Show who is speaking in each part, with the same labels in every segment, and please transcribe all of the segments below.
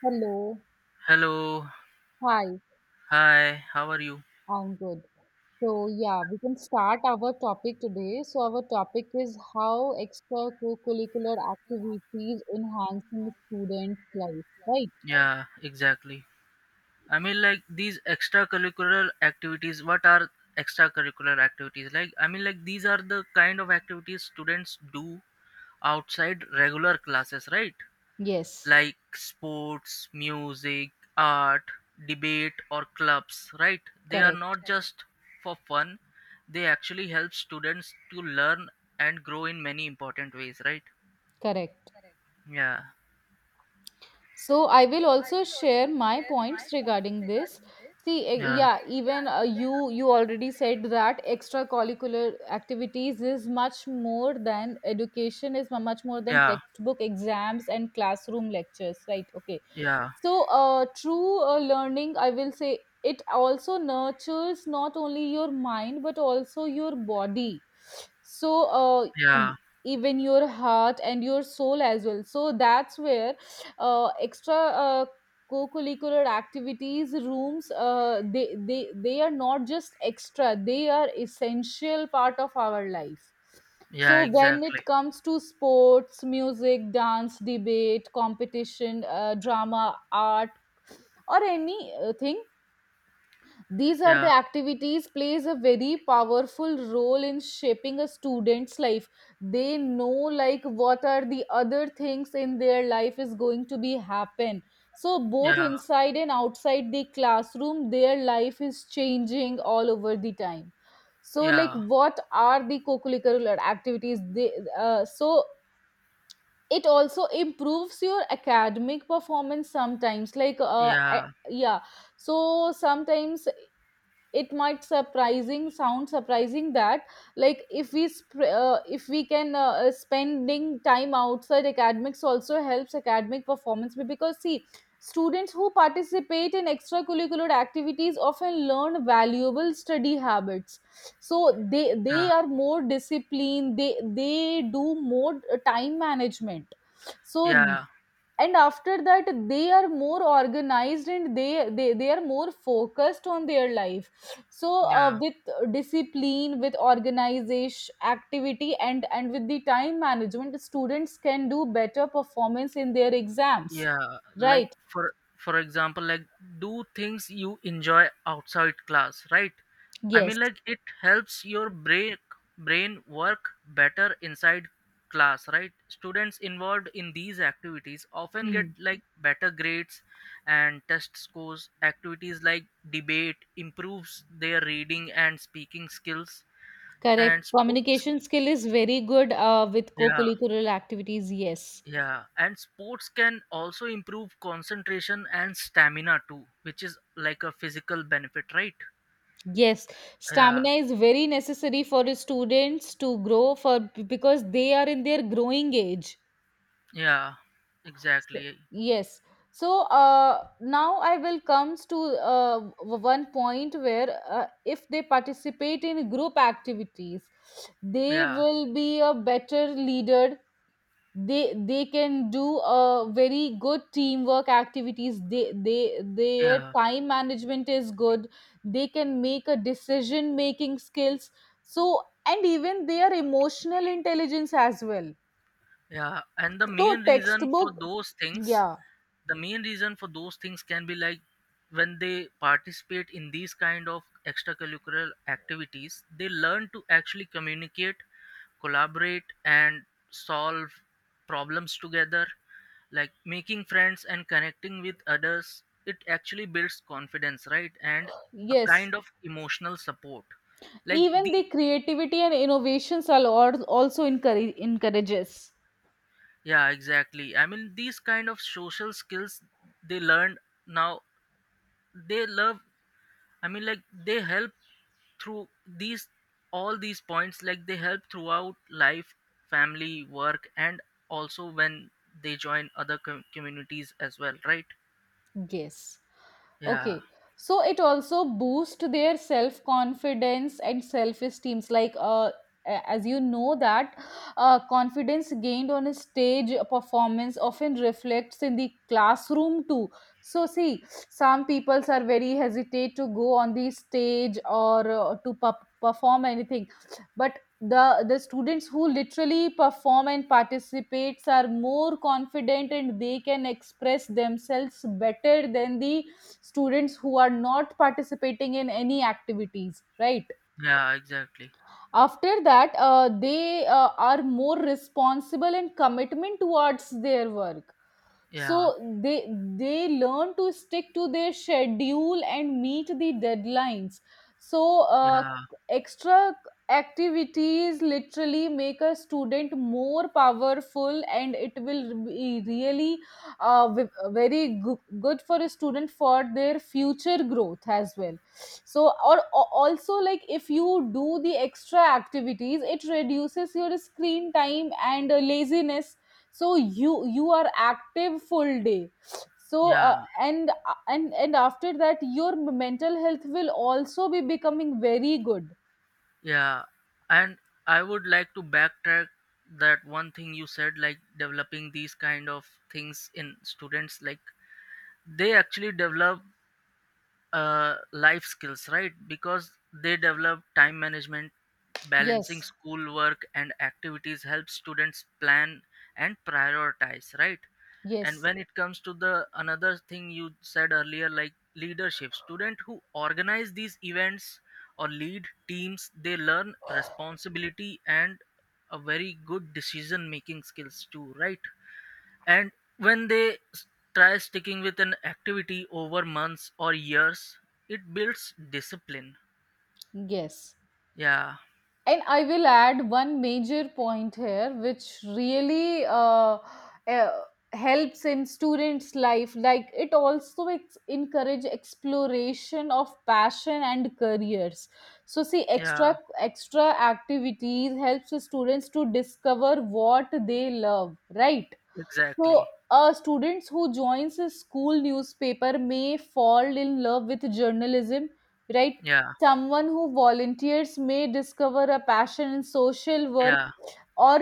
Speaker 1: Hello.
Speaker 2: Hello.
Speaker 1: Hi,
Speaker 2: Hi. How are you?
Speaker 1: I'm good. So, yeah, we can start our topic today. So, our topic is how extracurricular activities enhancing students' life, right?
Speaker 2: Yeah, exactly. I mean, like these extracurricular activities, what are extracurricular activities? Like, I mean, like these are the kind of activities students do outside regular classes, right?
Speaker 1: Yes,
Speaker 2: Like sports, music, art, debate, or clubs, right? They are
Speaker 1: correct,
Speaker 2: not just for fun, they actually help students to learn and grow in many important ways, right?
Speaker 1: correct.
Speaker 2: Yeah.
Speaker 1: So I will also share my points regarding this. See,
Speaker 2: Yeah.
Speaker 1: yeah, even you already said that extracurricular activities is much more than education is much more than
Speaker 2: Yeah.
Speaker 1: textbook exams and classroom lectures, right? Okay.
Speaker 2: Yeah.
Speaker 1: So, true learning, I will say, it also nurtures not only your mind but also your body. So,
Speaker 2: Yeah.
Speaker 1: e-
Speaker 2: Yeah.
Speaker 1: even your heart and your soul as well. So, that's where extra co-curricular activities rooms they are not just extra, they are essential part of our life.
Speaker 2: Yeah,
Speaker 1: So when
Speaker 2: exactly.
Speaker 1: it comes to sports, music, dance, debate, competition, drama, art, or anything, these are the
Speaker 2: Yeah.
Speaker 1: activities plays a very powerful role in shaping a student's life. They know like what are the other things in their life is going to be happen. So both
Speaker 2: Yeah.
Speaker 1: inside and outside the classroom, their life is changing all over the time. So like
Speaker 2: Yeah.
Speaker 1: what are the co-curricular activities? They so it also improves your academic performance sometimes. Like
Speaker 2: Yeah.
Speaker 1: yeah, so sometimes it might surprising sound surprising that like if we if we can spending time outside academics also helps academic performance because see students who participate in extracurricular activities often learn valuable study habits. So they
Speaker 2: Yeah.
Speaker 1: are more disciplined, they do more time management. So
Speaker 2: Yeah.
Speaker 1: and after that they are more organized and they are more focused on their life. So
Speaker 2: Yeah.
Speaker 1: with discipline, with organization activity, and with the time management, students can do better performance in their exams,
Speaker 2: Yeah, like
Speaker 1: right?
Speaker 2: for example, like do things you enjoy outside class, right? I
Speaker 1: Yes.
Speaker 2: mean, like it helps your brain work better inside class, right? Students involved in these activities often
Speaker 1: hmm.
Speaker 2: get like better grades and test scores. Activities like debate improves their reading and speaking skills,
Speaker 1: Correct,
Speaker 2: and sports.
Speaker 1: communication skill is very good with
Speaker 2: Yeah.
Speaker 1: co-curricular activities, yes.
Speaker 2: Yeah, and sports can also improve concentration and stamina too, which is like a physical benefit, right?
Speaker 1: Yes,
Speaker 2: Yeah,
Speaker 1: stamina is very necessary for the students to grow for because they are in their growing age.
Speaker 2: yeah,
Speaker 1: So,
Speaker 2: exactly.
Speaker 1: yes. So now I will comes to one point where if they participate in group activities, they
Speaker 2: Yeah,
Speaker 1: will be a better leader. They they can do a very good teamwork activities. They their
Speaker 2: yeah.
Speaker 1: time management is good. They can make a decision making skills. So and even their emotional intelligence as well.
Speaker 2: Yeah, and the
Speaker 1: So
Speaker 2: main reason for
Speaker 1: textbook,
Speaker 2: those things,
Speaker 1: yeah,
Speaker 2: the main reason for those things can be like when they participate in these kind of extracurricular activities, they learn to actually communicate, collaborate and solve problems together. Like making friends and connecting with others, it actually builds confidence, right? And a
Speaker 1: yes,
Speaker 2: kind of emotional support, like
Speaker 1: even
Speaker 2: the.
Speaker 1: the creativity and innovations are also encourages.
Speaker 2: Yeah, exactly. I mean, these kind of social skills they learn now, they love. I mean, like they help through these, all these points, like they help throughout life, family, work, and also when they join other communities as well, right?
Speaker 1: Yes.
Speaker 2: Yeah.
Speaker 1: Okay. So it also boosts their self confidence and self esteem. Like, as you know that confidence gained on a stage performance often reflects in the classroom too. So see, some people's are very hesitate to go on the stage or perform anything, but the students who literally perform and participates are more confident and they can express themselves better than the students who are not participating in any activities, right?
Speaker 2: Yeah, exactly.
Speaker 1: After that they are more responsible and commitment towards their work. So
Speaker 2: Yeah.
Speaker 1: they learn to stick to their schedule and meet the deadlines. So
Speaker 2: Yeah.
Speaker 1: extra activities literally make a student more powerful and it will be really uh, v- very good for a student for their future growth as well. So or also like if you do the extra activities, it reduces your screen time and laziness. So you are active full day. So uh,
Speaker 2: Yeah.
Speaker 1: and uh, and and after that your mental health will also be becoming very good.
Speaker 2: Yeah. And I would like to backtrack that one thing you said, like developing these kind of things in students, like they actually develop life skills, right? Because they develop time management. Balancing
Speaker 1: Yes,
Speaker 2: schoolwork and activities helps students plan and prioritize, right? And
Speaker 1: yes,
Speaker 2: when it comes to the another thing you said earlier, like leadership, student who organize these events or lead teams, they learn responsibility and a very good decision making skills too, right? And when try sticking with an activity over months or years, it builds discipline.
Speaker 1: yes.
Speaker 2: Yeah.
Speaker 1: And I will add one major point here, which really uh, helps in students' life. Like it also encourage exploration of passion and careers. So see, extra
Speaker 2: Yeah,
Speaker 1: extra activities helps the students to discover what they love, right? So,
Speaker 2: exactly.
Speaker 1: students who joins a school newspaper may fall in love with journalism, right?
Speaker 2: Yeah.
Speaker 1: Someone who volunteers may discover a passion in social work,
Speaker 2: Yeah.
Speaker 1: or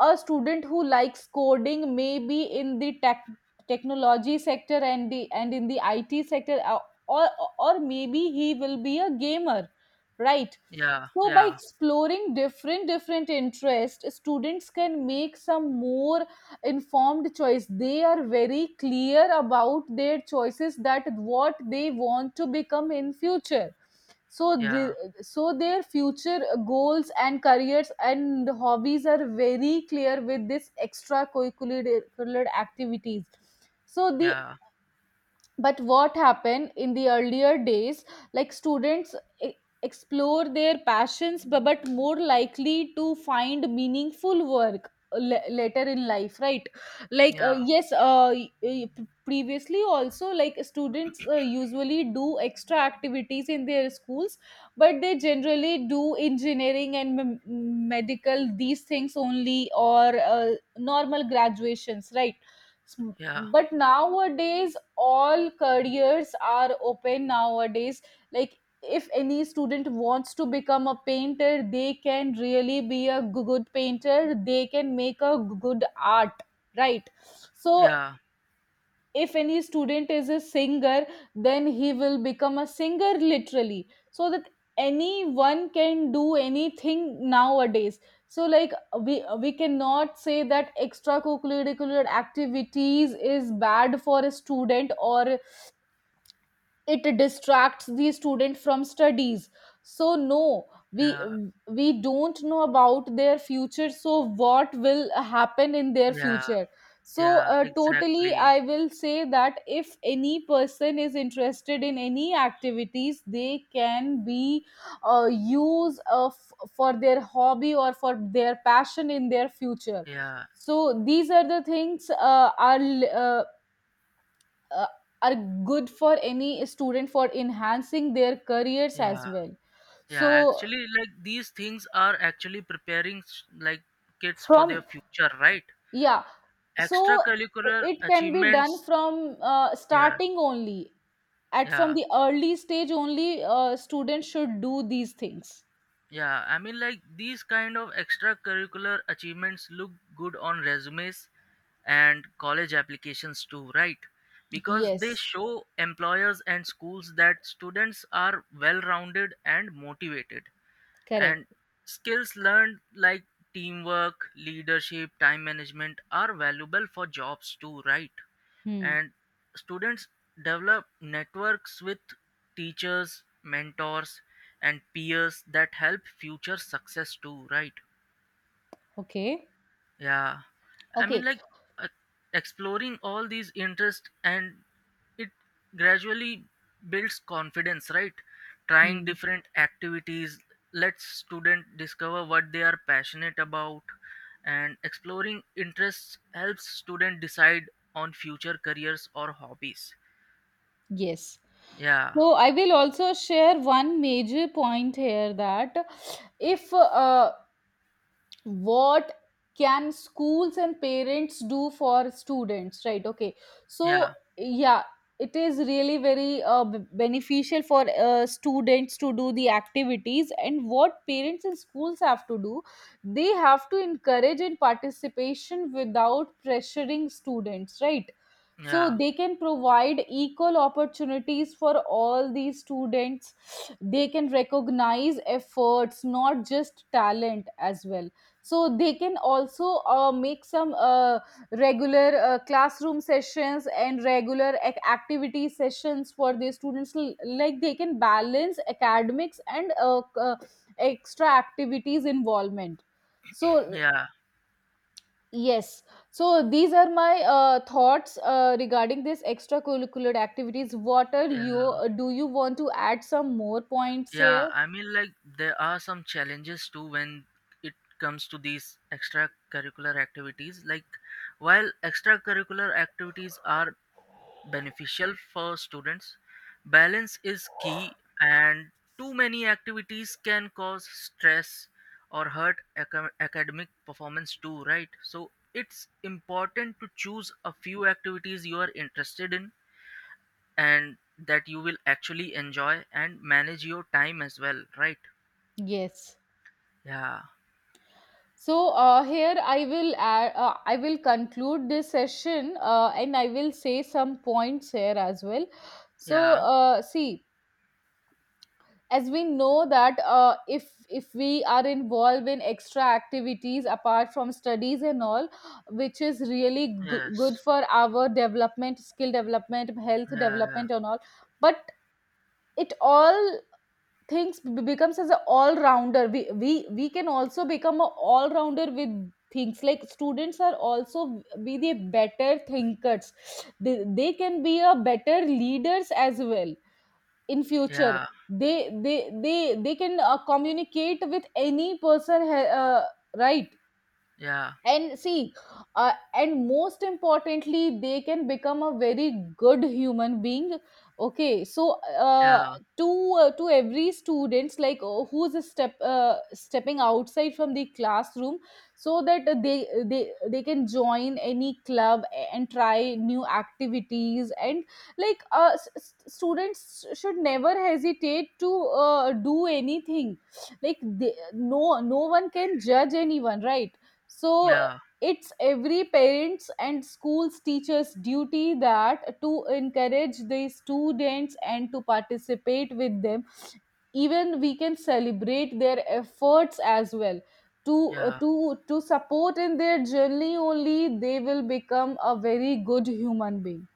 Speaker 1: a student who likes coding may be in the tech, technology sector and the and in the IT sector, or or maybe he will be a gamer, right?
Speaker 2: Yeah.
Speaker 1: So by
Speaker 2: Yeah.
Speaker 1: exploring different different interests, students can make some more informed choice. They are very clear about their choices that what they want to become in future. So the,
Speaker 2: Yeah.
Speaker 1: so their future goals and careers and hobbies are very clear with this extracurricular curricular activities. So the
Speaker 2: Yeah.
Speaker 1: but what happened in the earlier days, like students e- explore their passions but more likely to find meaningful work later in life, right? Like
Speaker 2: Yeah.
Speaker 1: yes, previously also like students usually do extra activities in their schools, but they generally do engineering and medical these things only, or normal graduations, right? S-
Speaker 2: Yeah.
Speaker 1: But nowadays, all careers are open nowadays. Like, if any student wants to become a painter, they can really be a good painter, they can make a good art, right? So,
Speaker 2: Yeah.
Speaker 1: if any student is a singer, then he will become a singer literally. So that anyone can do anything nowadays. So like we cannot say that extracurricular activities is bad for a student or it distracts the student from studies. So no, we
Speaker 2: Yeah.
Speaker 1: we don't know about their future, so what will happen in their
Speaker 2: Yeah.
Speaker 1: future. So
Speaker 2: Yeah,
Speaker 1: totally
Speaker 2: exactly.
Speaker 1: I will say that if any person is interested in any activities, they can be for their hobby or for their passion in their future.
Speaker 2: Yeah.
Speaker 1: So these are the things uh, uh, are good for any student for enhancing their careers as
Speaker 2: Yeah.
Speaker 1: well.
Speaker 2: Yeah,
Speaker 1: So
Speaker 2: actually like these things are actually preparing like kids for their
Speaker 1: from,
Speaker 2: future, right?
Speaker 1: yeah, so
Speaker 2: Extracurricular
Speaker 1: it can be done
Speaker 2: achievements.
Speaker 1: from
Speaker 2: Yeah.
Speaker 1: starting only, at from
Speaker 2: Yeah.
Speaker 1: the early stage only, students should do these things.
Speaker 2: Yeah, I mean, like these kind of extracurricular achievements look good on resumes and college applications too, right? Because they
Speaker 1: Yes,
Speaker 2: show employers and schools that students are well rounded and motivated,
Speaker 1: correct.
Speaker 2: and skills learned like teamwork, leadership, time management are valuable for jobs too, right?
Speaker 1: Hmm.
Speaker 2: And students develop networks with teachers, mentors and peers that help future success too, right?
Speaker 1: Okay.
Speaker 2: Yeah, I mean,
Speaker 1: Okay.
Speaker 2: like uh, exploring all these interests and it gradually builds confidence, right? Trying
Speaker 1: Hmm.
Speaker 2: different activities lets student discover what they are passionate about, and exploring interests helps student decide on future careers or hobbies.
Speaker 1: Yes,
Speaker 2: Yeah,
Speaker 1: so I will also share one major point here that if what can schools and parents do for students, right? Okay, so
Speaker 2: yeah,
Speaker 1: yeah, it is really very beneficial for students to do the activities, and what parents and schools have to do, they have to encourage in participation without pressuring students, right? So
Speaker 2: yeah,
Speaker 1: they can provide equal opportunities for all these students. They can recognize efforts, not just talent as well. So they can also make some regular classroom sessions and regular activity sessions for the students. Like they can balance academics and extra activities involvement. So
Speaker 2: yeah,
Speaker 1: yes, so these are my thoughts regarding this extracurricular activities. What are you,
Speaker 2: yeah.
Speaker 1: do you want to add some more points here?
Speaker 2: Yeah, I mean, like, there are some challenges too when it comes to these extracurricular activities. Like, while extracurricular activities are beneficial for students, balance is key, and too many activities can cause stress or hurt academic performance too, right? So, it's important to choose a few activities you are interested in and that you will actually enjoy and manage your time as well, right?
Speaker 1: Yes.
Speaker 2: Yeah,
Speaker 1: So here I will add, I will conclude this session and I will say some points here as well. So
Speaker 2: yeah,
Speaker 1: see, as we know that if we are involved in extra activities apart from studies and all, which is really good
Speaker 2: yes,
Speaker 1: for our development, skill development, health
Speaker 2: yeah, yeah,
Speaker 1: development and all, but it all things becomes as an all-rounder. We we can also become an all-rounder with things like students are also be the better thinkers. They can be a better leaders as well in future.
Speaker 2: yeah,
Speaker 1: They they they they can communicate with any person, right?
Speaker 2: yeah,
Speaker 1: And see, and most importantly, they can become a very good human being. Okay, so
Speaker 2: yeah,
Speaker 1: to every students, like who's a step, stepping outside from the classroom, so that they can join any club and try new activities, and like students should never hesitate to do anything. Like they, no, no one can judge anyone, right? So
Speaker 2: yeah,
Speaker 1: it's every parents and schools teachers duty that to encourage the students and to participate with them. Even we can celebrate their efforts as well. To
Speaker 2: yeah,
Speaker 1: to support in their journey only, they will become a very good human being.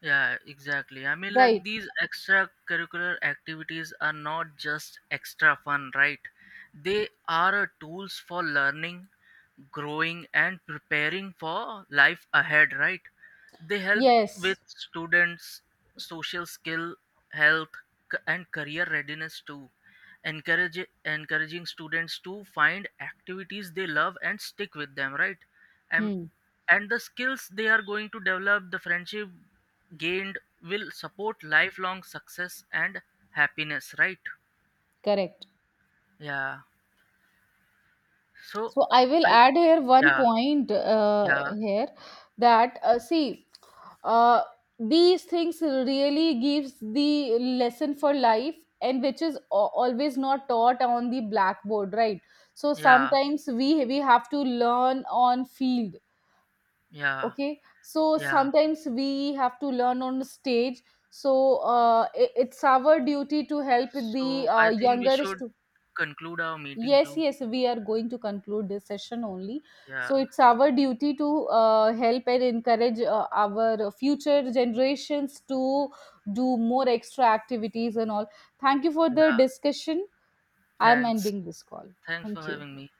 Speaker 2: yeah, exactly. I mean, like
Speaker 1: Right.
Speaker 2: these extracurricular activities are not just extra fun, right? They are a tools for learning, growing and preparing for life ahead, right? They help with
Speaker 1: Yes.
Speaker 2: students' social skill, health, and career readiness too. Encourage Encouraging students to find activities they love and stick with them, right? And
Speaker 1: Hmm.
Speaker 2: the skills they are going to develop, the friendship gained will support lifelong success and happiness, right?
Speaker 1: Correct.
Speaker 2: Yeah. So
Speaker 1: So I will
Speaker 2: I.
Speaker 1: add here one
Speaker 2: Yeah.
Speaker 1: point
Speaker 2: Yeah.
Speaker 1: here that see, uh, these things really gives the lesson for life, and which is always not taught on the blackboard, right? So
Speaker 2: Yeah.
Speaker 1: sometimes we have to learn on field.
Speaker 2: Yeah.
Speaker 1: Okay, so
Speaker 2: Yeah.
Speaker 1: sometimes we have to learn on stage. So it's our duty to help the
Speaker 2: So I think we
Speaker 1: younger
Speaker 2: should
Speaker 1: students.
Speaker 2: conclude our meeting
Speaker 1: Yes,
Speaker 2: too.
Speaker 1: yes, we are going to conclude this session only.
Speaker 2: Yeah,
Speaker 1: So it's our duty to help and encourage our future generations to do more extra activities and all. Thank you for the
Speaker 2: yeah.
Speaker 1: discussion. I'm
Speaker 2: Thanks.
Speaker 1: ending this call.
Speaker 2: Thanks for
Speaker 1: Thank you.
Speaker 2: having me.